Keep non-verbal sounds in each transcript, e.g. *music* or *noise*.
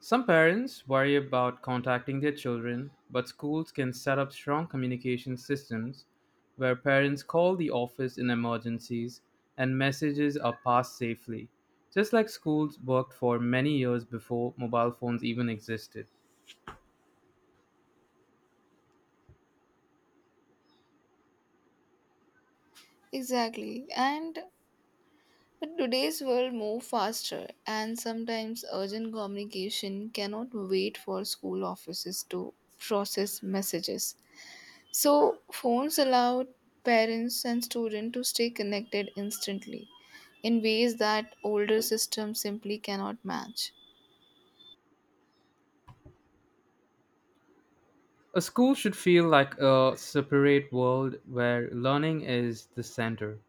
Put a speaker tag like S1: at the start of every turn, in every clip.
S1: Some parents worry about contacting their children, but schools can set up strong communication systems where parents call the office in emergencies and messages are passed safely, just like schools worked for many years before mobile phones even existed.
S2: Exactly. And but today's world moves faster and sometimes urgent communication cannot wait for school offices to process messages. So phones allow parents and students to stay connected instantly in ways that older systems simply cannot match.
S1: A school should feel like a separate world where learning is the center,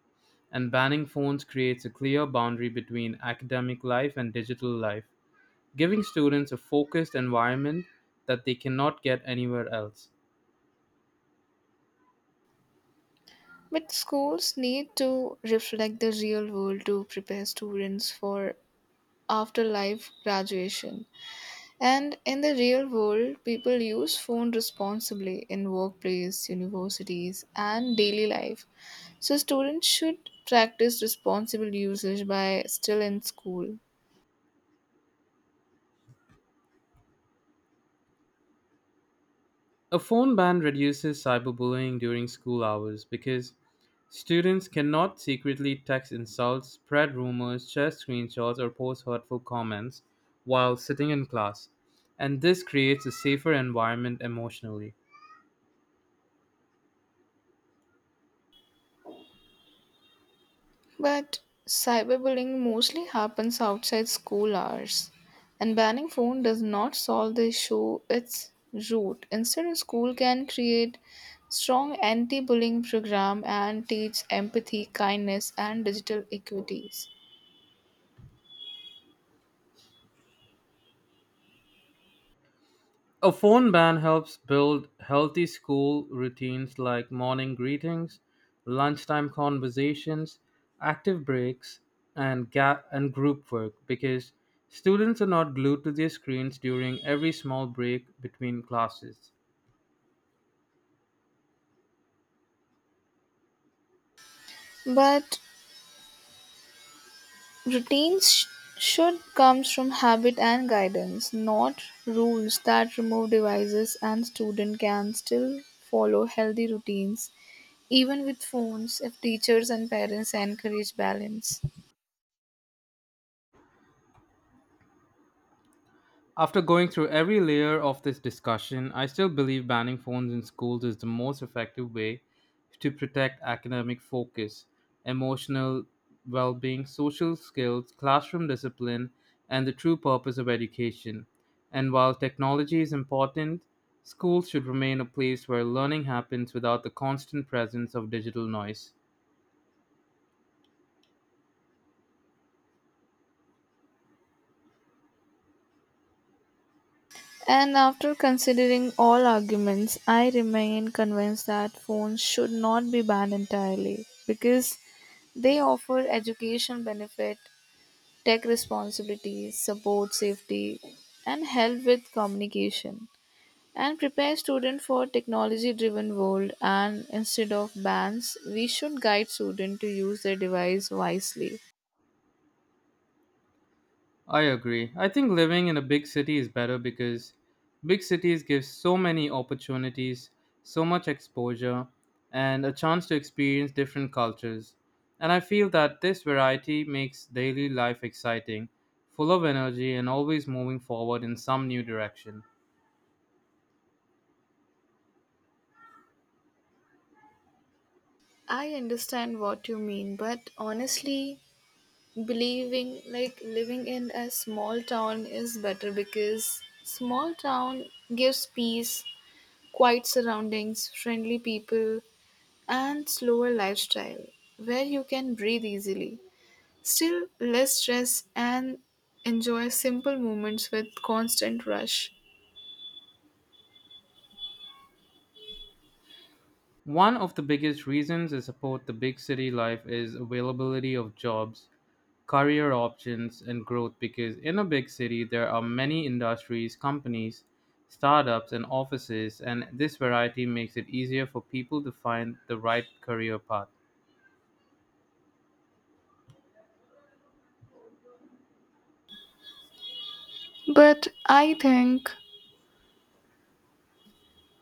S1: and banning phones creates a clear boundary between academic life and digital life, giving students a focused environment that they cannot get anywhere else.
S2: But schools need to reflect the real world to prepare students for afterlife graduation. And in the real world, people use phone responsibly in workplace, universities, and daily life. So students should practice responsible usage by still in school.
S1: A phone ban reduces cyberbullying during school hours because students cannot secretly text insults, spread rumors, share screenshots, or post hurtful comments while sitting in class. And this creates a safer environment emotionally.
S2: But cyberbullying mostly happens outside school hours, and banning phone does not solve the issue its root. Instead, a school can create strong anti-bullying program and teach empathy, kindness, and digital equities.
S1: A phone ban helps build healthy school routines like morning greetings, lunchtime conversations, active breaks, and and group work because students are not glued to their screens during every small break between classes.
S2: But routines should comes from habit and guidance, not rules that remove devices, and student can still follow healthy routines even with phones if teachers and parents encourage balance.
S1: After going through every layer of this discussion, I still believe banning phones in schools is the most effective way to protect academic focus, emotional well being, social skills, classroom discipline, and the true purpose of education. And while technology is important, schools should remain a place where learning happens without the constant presence of digital noise.
S2: And after considering all arguments, I remain convinced that phones should not be banned entirely because they offer education benefit, tech responsibilities, support safety, and help with communication, and prepare students for technology driven world, and instead of bans we should guide students to use their device wisely.
S1: I agree. I think living in a big city is better because big cities give so many opportunities, so much exposure, and a chance to experience different cultures. And I feel that this variety makes daily life exciting, full of energy, and always moving forward in some new direction.
S2: I understand what you mean, but honestly believing like living in a small town is better because small town gives peace, quiet surroundings, friendly people, and slower lifestyle where you can breathe easily. Still, less stress and enjoy simple moments with constant rush.
S1: One of the biggest reasons I support the big city life is availability of jobs, career options and growth, because in a big city there are many industries, companies, startups and offices, and this variety makes it easier for people to find the right career path.
S2: But I think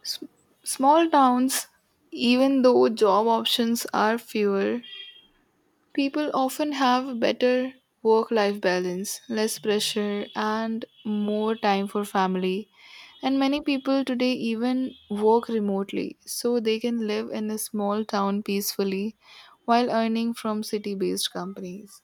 S2: s- small towns, even though job options are fewer, people often have better work life balance, less pressure, and more time for family. And many people today even work remotely, so they can live in a small town peacefully while earning from city based companies.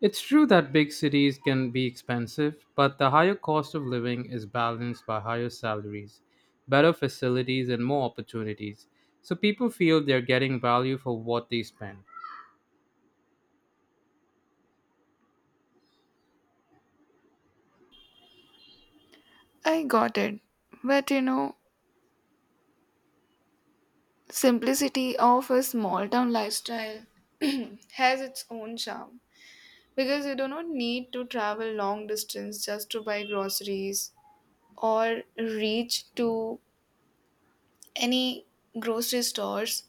S1: It's true that big cities can be expensive, but the higher cost of living is balanced by higher salaries, better facilities and more opportunities. So people feel they're getting value for what they spend.
S2: I got it. But you know, simplicity of a small town lifestyle *clears throat* has its own charm because you do not need to travel long distance just to buy groceries or reach to any grocery stores.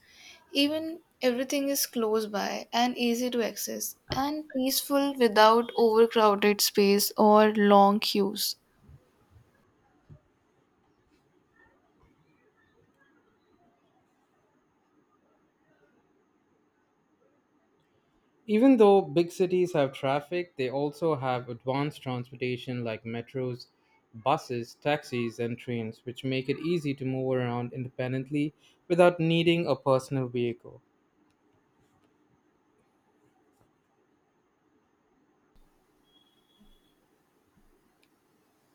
S2: Even everything is close by and easy to access and peaceful without overcrowded space or long queues.
S1: Even though big cities have traffic, they also have advanced transportation like metros, buses, taxis, and trains, which make it easy to move around independently without needing a personal vehicle.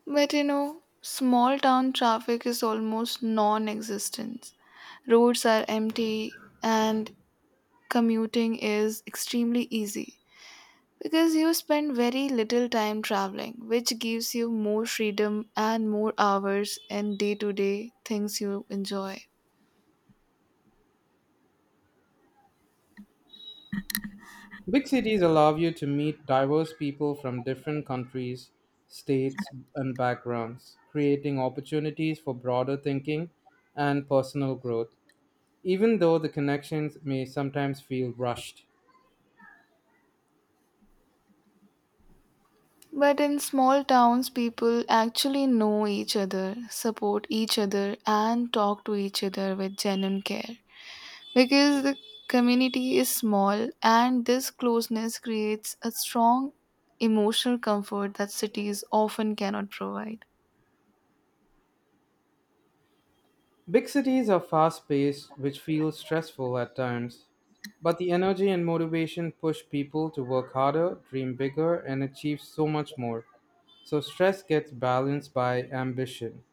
S2: But you know, small town traffic is almost non existent. Roads are empty and commuting is extremely easy because you spend very little time traveling, which gives you more freedom and more hours in day to day things you enjoy.
S1: Big cities allow you to meet diverse people from different countries, states, and backgrounds, creating opportunities for broader thinking and personal growth, even though the connections may sometimes feel rushed.
S2: But in small towns, people actually know each other, support each other, and talk to each other with genuine care, because the community is small and this closeness creates a strong emotional comfort that cities often cannot provide.
S1: Big cities are fast paced, which feels stressful at times. But the energy and motivation push people to work harder, dream bigger, and achieve so much more. So stress gets balanced by ambition.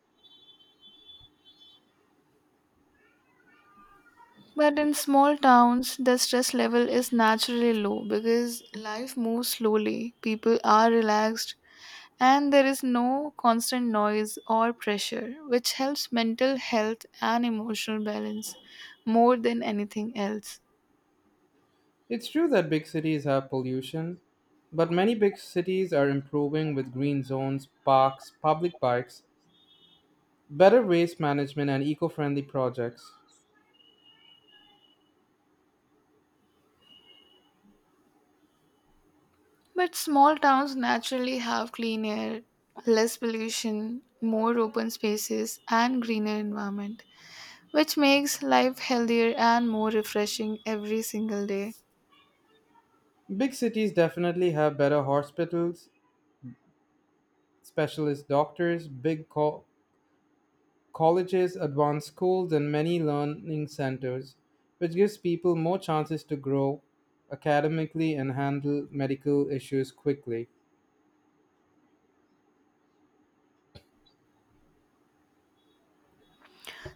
S2: But in small towns, the stress level is naturally low because life moves slowly, people are relaxed, and there is no constant noise or pressure, which helps mental health and emotional balance more than anything else.
S1: It's true that big cities have pollution, but many big cities are improving with green zones, parks, public bikes, better waste management, and eco friendly projects.
S2: But small towns naturally have clean air, less pollution, more open spaces, and greener environment, which makes life healthier and more refreshing every single day.
S1: Big cities definitely have better hospitals, specialist doctors, colleges, advanced schools, and many learning centers, which gives people more chances to grow academically and handle medical issues quickly.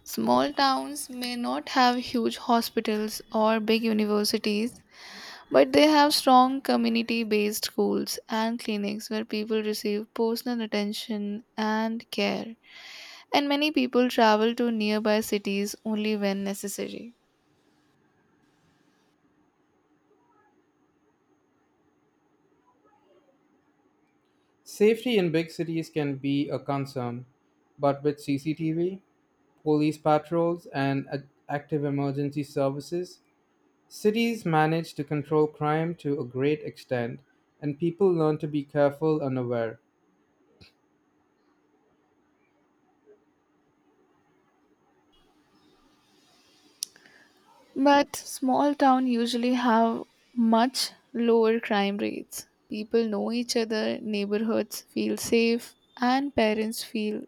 S2: Small towns may not have huge hospitals or big universities, but they have strong community based schools and clinics where people receive personal attention and care. And many people travel to nearby cities only when necessary.
S1: Safety in big cities can be a concern, but with CCTV, police patrols, and active emergency services, cities manage to control crime to a great extent, and people learn to be careful and aware.
S2: But small town usually have much lower crime rates. People know each other, neighborhoods feel safe, and parents feel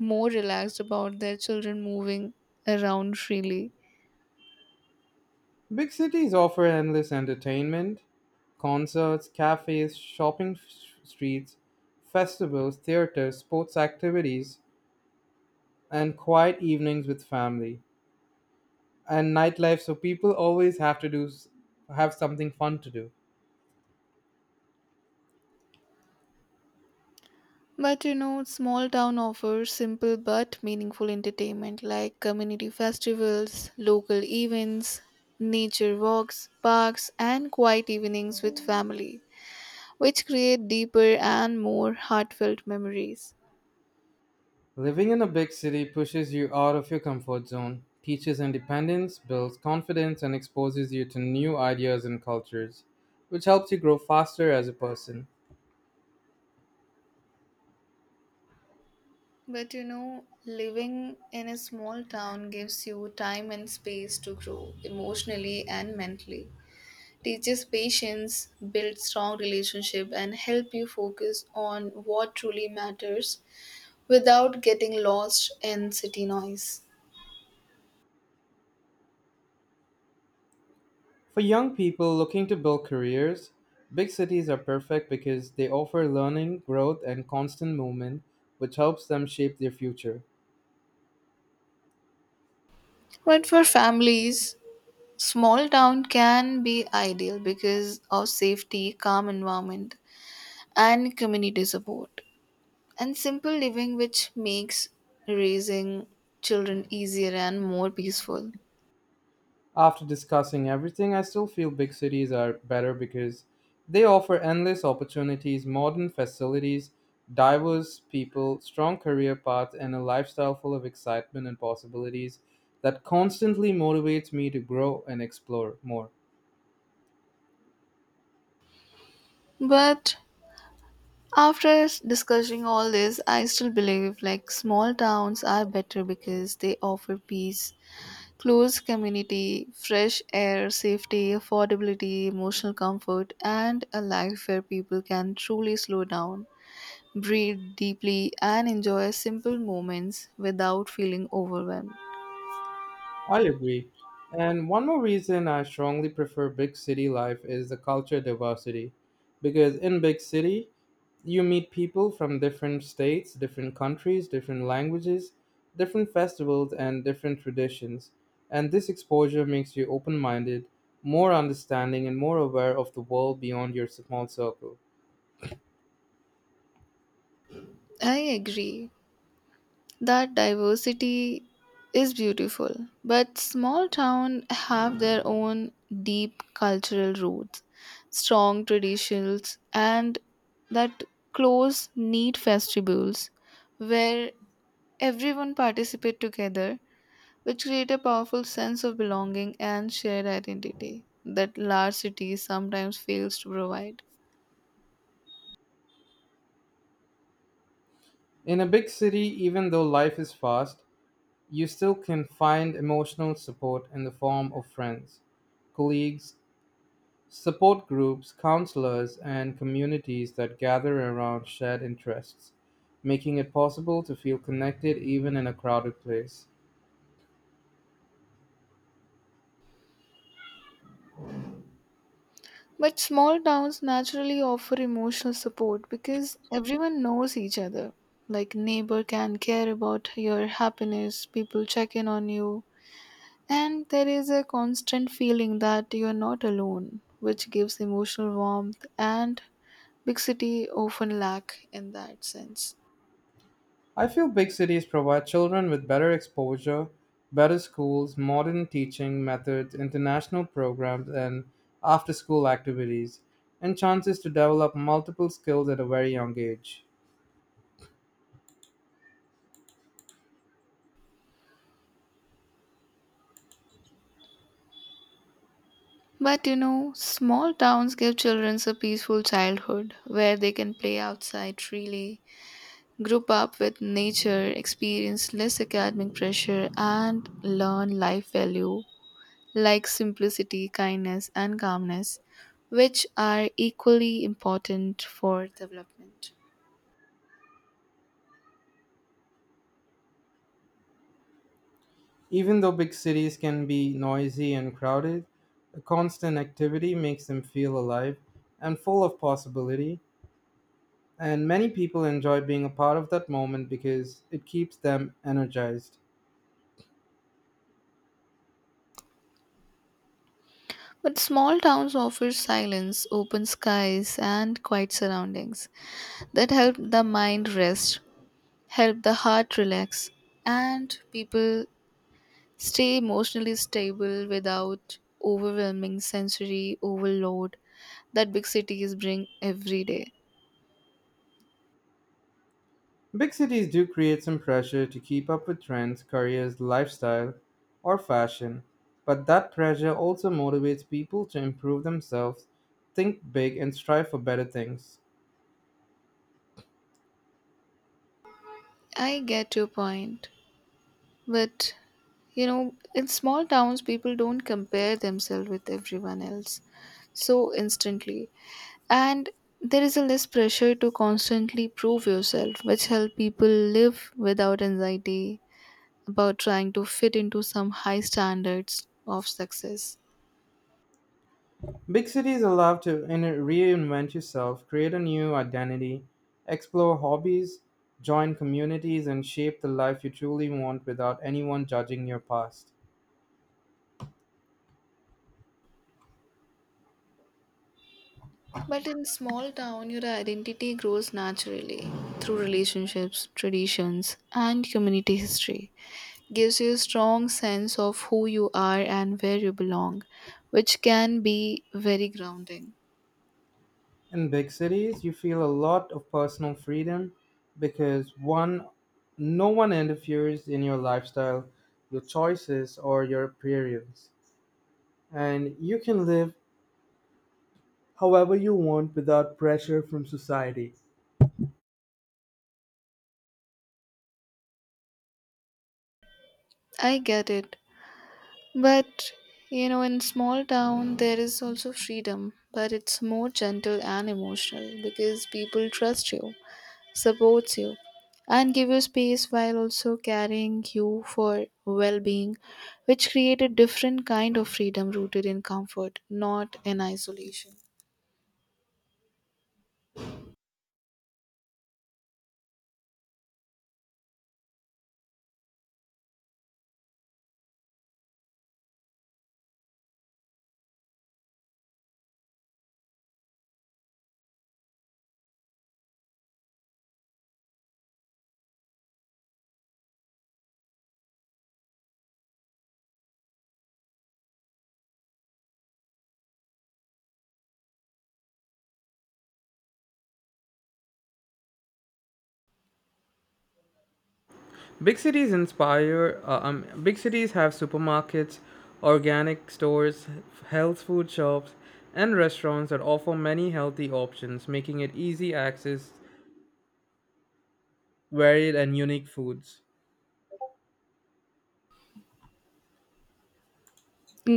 S2: more relaxed about their children moving around freely.
S1: Big cities offer endless entertainment: concerts, cafes, streets, festivals, theaters, sports activities, and quiet evenings with family and nightlife. So people always have something fun to do.
S2: But you know, small town offers simple but meaningful entertainment like community festivals, local events, nature walks, parks, and quiet evenings with family, which create deeper and more heartfelt memories.
S1: Living in a big city pushes you out of your comfort zone, teaches independence, builds confidence, and exposes you to new ideas and cultures, which helps you grow faster as a person.
S2: But you know, living in a small town gives you time and space to grow emotionally and mentally. Teaches patience, builds strong relationship and help you focus on what truly matters without getting lost in city noise.
S1: For young people looking to build careers, big cities are perfect because they offer learning, growth, and constant movement, which helps them shape their future.
S2: But for families, small town can be ideal because of safety, calm environment and community support, and simple living, which makes raising children easier and more peaceful.
S1: After discussing everything, I still feel big cities are better because they offer endless opportunities, modern facilities, diverse people, strong career paths, and a lifestyle full of excitement and possibilities that constantly motivates me to grow and explore more.
S2: But after discussing all this, I still believe like small towns are better because they offer peace, close community, fresh air, safety, affordability, emotional comfort, and a life where people can truly slow down, breathe deeply, and enjoy simple moments without feeling overwhelmed.
S1: I agree. And one more reason I strongly prefer big city life is the culture diversity. Because in big city, you meet people from different states, different countries, different languages, different festivals, and different traditions. And this exposure makes you open minded, more understanding, and more aware of the world beyond your small circle.
S2: I agree. That diversity is beautiful, but small towns have their own deep cultural roots, strong traditions, and that close, neat festivals where everyone participate together, which create a powerful sense of belonging and shared identity that large cities sometimes fails to provide.
S1: In a big city, even though life is fast, you still can find emotional support in the form of friends, colleagues, support groups, counselors, and communities that gather around shared interests, making it possible to feel connected even in a crowded place.
S2: But small towns naturally offer emotional support because everyone knows each other. Like neighbor can care about your happiness, people check in on you, and there is a constant feeling that you are not alone, which gives emotional warmth and big city often lack in that sense.
S1: I feel big cities provide children with better exposure, better schools, modern teaching methods, international programs, and after school activities, and chances to develop multiple skills at a very young age.
S2: But you know, small towns give children a peaceful childhood where they can play outside freely, grew up with nature, experience less academic pressure, and learn life value like simplicity, kindness, and calmness, which are equally important for development.
S1: Even though big cities can be noisy and crowded, the constant activity makes them feel alive and full of possibility, and many people enjoy being a part of that moment because it keeps them energized.
S2: But small towns offer silence, open skies, and quiet surroundings that help the mind rest, help the heart relax, and people stay emotionally stable without overwhelming sensory overload that big cities bring every day.
S1: Big cities do create some pressure to keep up with trends, careers, lifestyle, or fashion, but that pressure also motivates people to improve themselves, think big, and strive for better things.
S2: I get your point. But, you know, in small towns, people don't compare themselves with everyone else so instantly. And there is a less pressure to constantly prove yourself, which help people live without anxiety about trying to fit into some high standards of success.
S1: Big cities allow to reinvent yourself, create a new identity, explore hobbies, join communities, and shape the life you truly want without anyone judging your past.
S2: But in small town, your identity grows naturally through relationships, traditions, and community history. Gives you a strong sense of who you are and where you belong, which can be very grounding.
S1: In big cities, you feel a lot of personal freedom because no one interferes in your lifestyle, your choices, or your appearance, and you can live however you want without pressure from society.
S2: I get it. But you know, in small town, there is also freedom, but it's more gentle and emotional because people trust you, supports you, and give you space while also carrying you for well-being, which create a different kind of freedom rooted in comfort, not in isolation.
S1: Big cities inspire. Big cities have supermarkets, organic stores, health food shops, and restaurants that offer many healthy options, making it easy access varied and unique foods.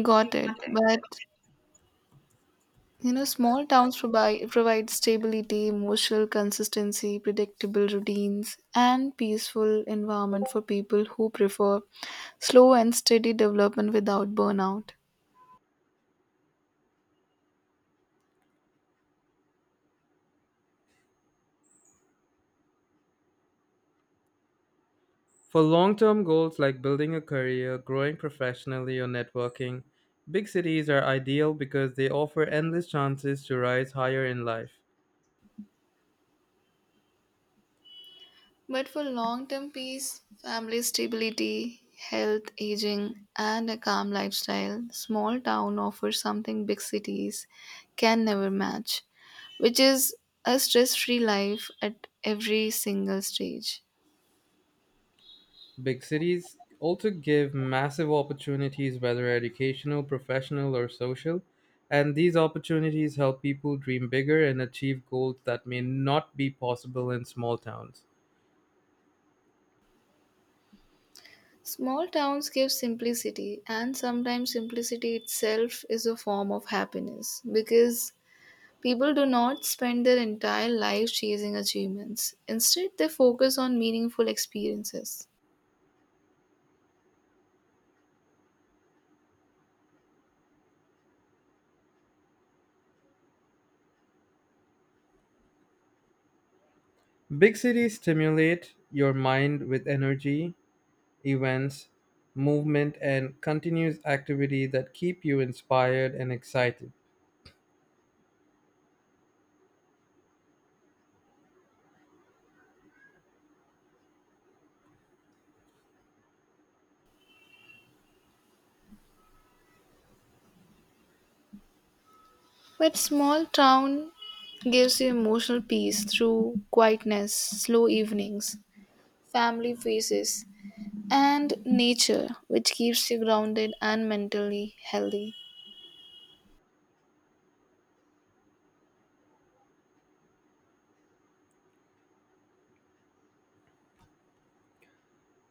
S2: Got it. But you know, small towns provide stability, emotional consistency, predictable routines, and peaceful environment for people who prefer slow and steady development without burnout.
S1: For long-term goals like building a career, growing professionally, or networking, big cities are ideal because they offer endless chances to rise higher in life.
S2: But for long term peace, family stability, health, aging, and a calm lifestyle, small town offers something big cities can never match, which is a stress free life at every single stage.
S1: Big cities also give massive opportunities, whether educational, professional, or social, and these opportunities help people dream bigger and achieve goals that may not be possible in small towns.
S2: Small towns give simplicity, and sometimes simplicity itself is a form of happiness because people do not spend their entire life chasing achievements. Instead, they focus on meaningful experiences.
S1: Big cities stimulate your mind with energy, events, movement, and continuous activity that keep you inspired and excited.
S2: But small town gives you emotional peace through quietness, slow evenings, family faces, and nature, which keeps you grounded and mentally healthy.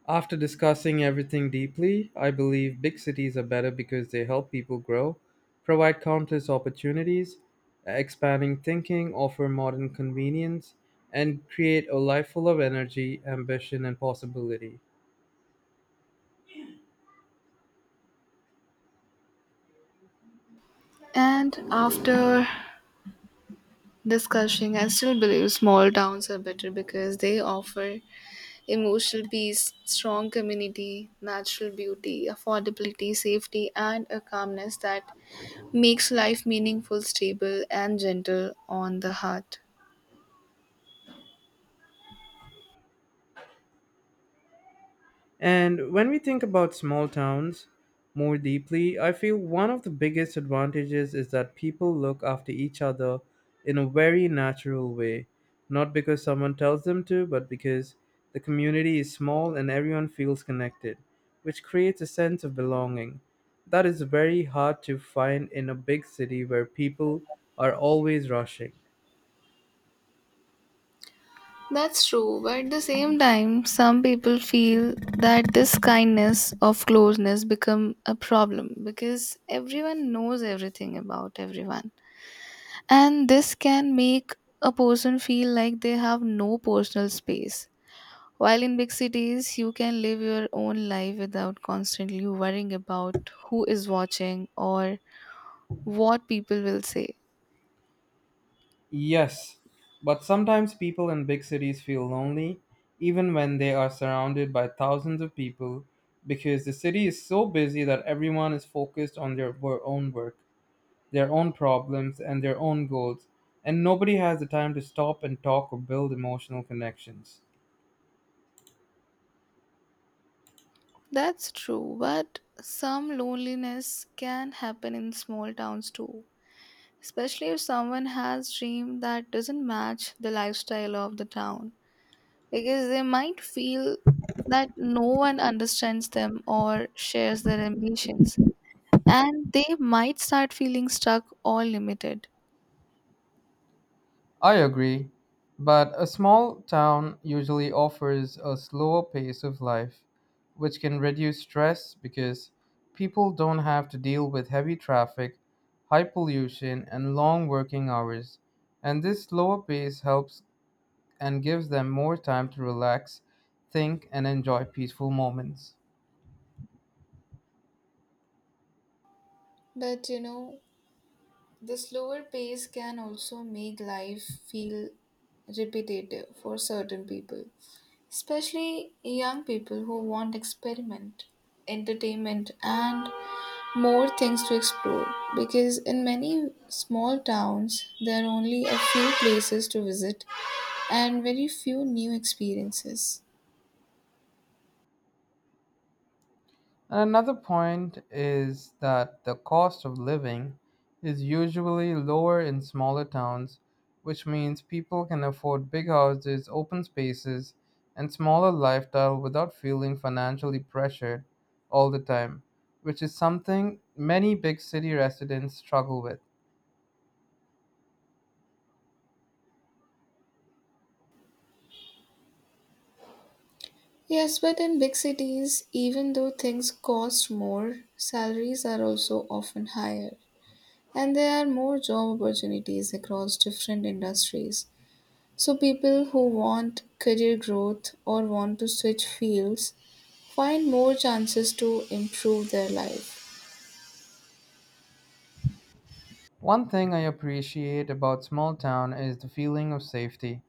S1: After discussing everything deeply, I believe big cities are better because they help people grow, provide countless opportunities, expanding thinking, offer modern convenience, and create a life full of energy, ambition, and possibility.
S2: And after discussing, I still believe small towns are better because they offer emotional peace, strong community, natural beauty, affordability, safety, and a calmness that makes life meaningful, stable, and gentle on the heart.
S1: And when we think about small towns more deeply, I feel one of the biggest advantages is that people look after each other in a very natural way. Not because someone tells them to, but because the community is small and everyone feels connected, which creates a sense of belonging that is very hard to find in a big city where people are always rushing.
S2: That's true, but at the same time, some people feel that this kindness of closeness become a problem because everyone knows everything about everyone. And this can make a person feel like they have no personal space. While in big cities, you can live your own life without constantly worrying about who is watching or what people will say.
S1: Yes, but sometimes people in big cities feel lonely even when they are surrounded by thousands of people, because the city is so busy that everyone is focused on their own work, their own problems, and their own goals, and nobody has the time to stop and talk or build emotional connections.
S2: That's true, but some loneliness can happen in small towns too, especially if someone has dream that doesn't match the lifestyle of the town, because they might feel that no one understands them or shares their ambitions, and they might start feeling stuck or limited.
S1: I agree, but a small town usually offers a slower pace of life, which can reduce stress because people don't have to deal with heavy traffic, high pollution, and long working hours. And this slower pace helps and gives them more time to relax, think, and enjoy peaceful moments.
S2: But you know, the slower pace can also make life feel repetitive for certain people, especially young people who want experiment, entertainment, and more things to explore, because in many small towns there are only a few places to visit and very few new experiences.
S1: Another point is that the cost of living is usually lower in smaller towns, which means people can afford big houses, open spaces, and smaller lifestyle without feeling financially pressured all the time, which is something many big city residents struggle with.
S2: Yes, but in big cities, even though things cost more, salaries are also often higher and there are more job opportunities across different industries. So, people who want career growth or want to switch fields find more chances to improve their life.
S1: One thing I appreciate about small town is the feeling of safety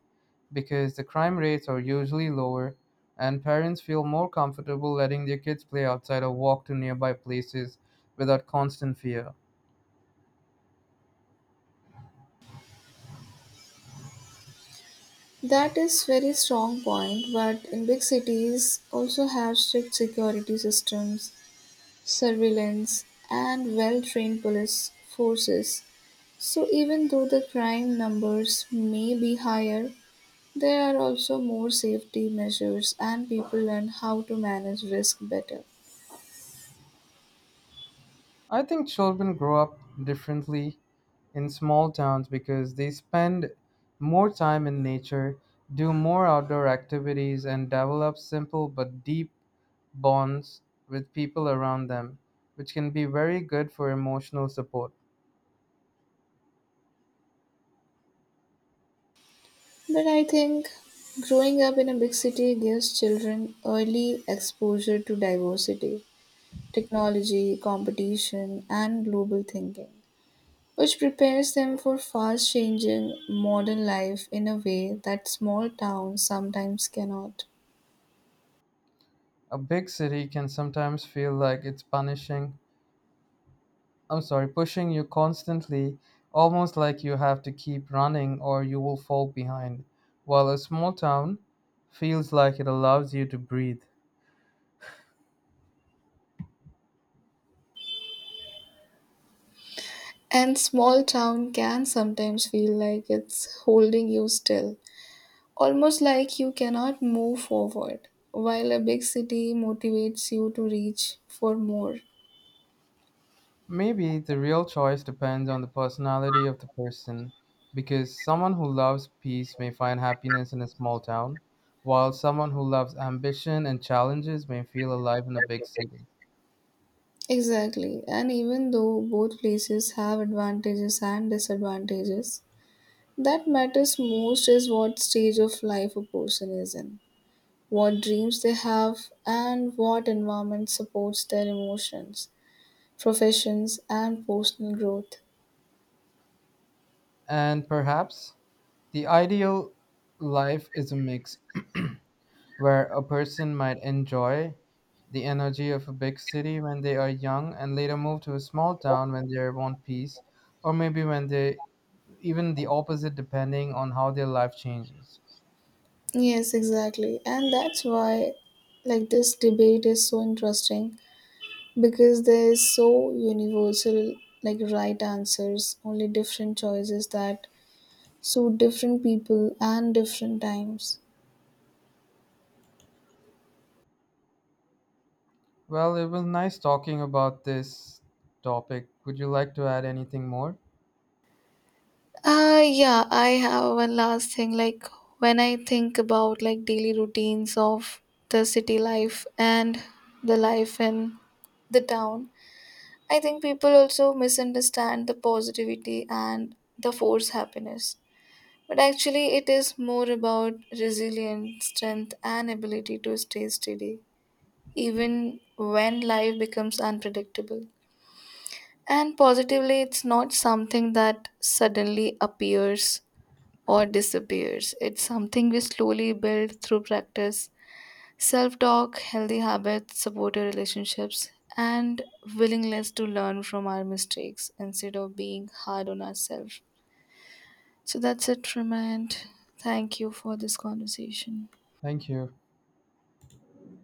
S1: because the crime rates are usually lower and parents feel more comfortable letting their kids play outside or walk to nearby places without constant fear.
S2: That is very strong point, but in big cities also have strict security systems, surveillance and well-trained police forces. So even though the crime numbers may be higher, there are also more safety measures and people learn how to manage risk better.
S1: I think children grow up differently in small towns because they spend more time in nature, do more outdoor activities, and develop simple but deep bonds with people around them, which can be very good for emotional support.
S2: But I think growing up in a big city gives children early exposure to diversity, technology, competition and global thinking, which prepares them for fast changing modern life in a way that small towns sometimes cannot.
S1: A big city can sometimes feel like it's pushing you constantly, almost like you have to keep running or you will fall behind, while a small town feels like it allows you to breathe.
S2: And small town can sometimes feel like it's holding you still, almost like you cannot move forward, while a big city motivates you to reach for more.
S1: Maybe the real choice depends on the personality of the person, because someone who loves peace may find happiness in a small town, while someone who loves ambition and challenges may feel alive in a big city.
S2: Exactly, and even though both places have advantages and disadvantages, that matters most is what stage of life a person is in, what dreams they have, and what environment supports their emotions, professions, and personal growth.
S1: And perhaps the ideal life is a mix, where a person might enjoy the energy of a big city when they are young and later move to a small town when they want peace, or maybe when they even the opposite, depending on how their life changes.
S2: Yes, exactly. And that's why like this debate is so interesting because there is so universal like right answers, only different choices that suit different people and different times.
S1: Well, it was nice talking about this topic. Would you like to add anything more?
S2: Yeah, I have one last thing like when I think about like daily routines of the city life and the life in the town, I think people also misunderstand the positivity and the force happiness. But actually it is more about resilience, strength and ability to stay steady even when life becomes unpredictable. And positively it's not something that suddenly appears or disappears. It's something we slowly build through practice, self talk, healthy habits, supportive relationships, and willingness to learn from our mistakes instead of being hard on ourselves. So that's it from my end. Thank you for this conversation.
S1: Thank you.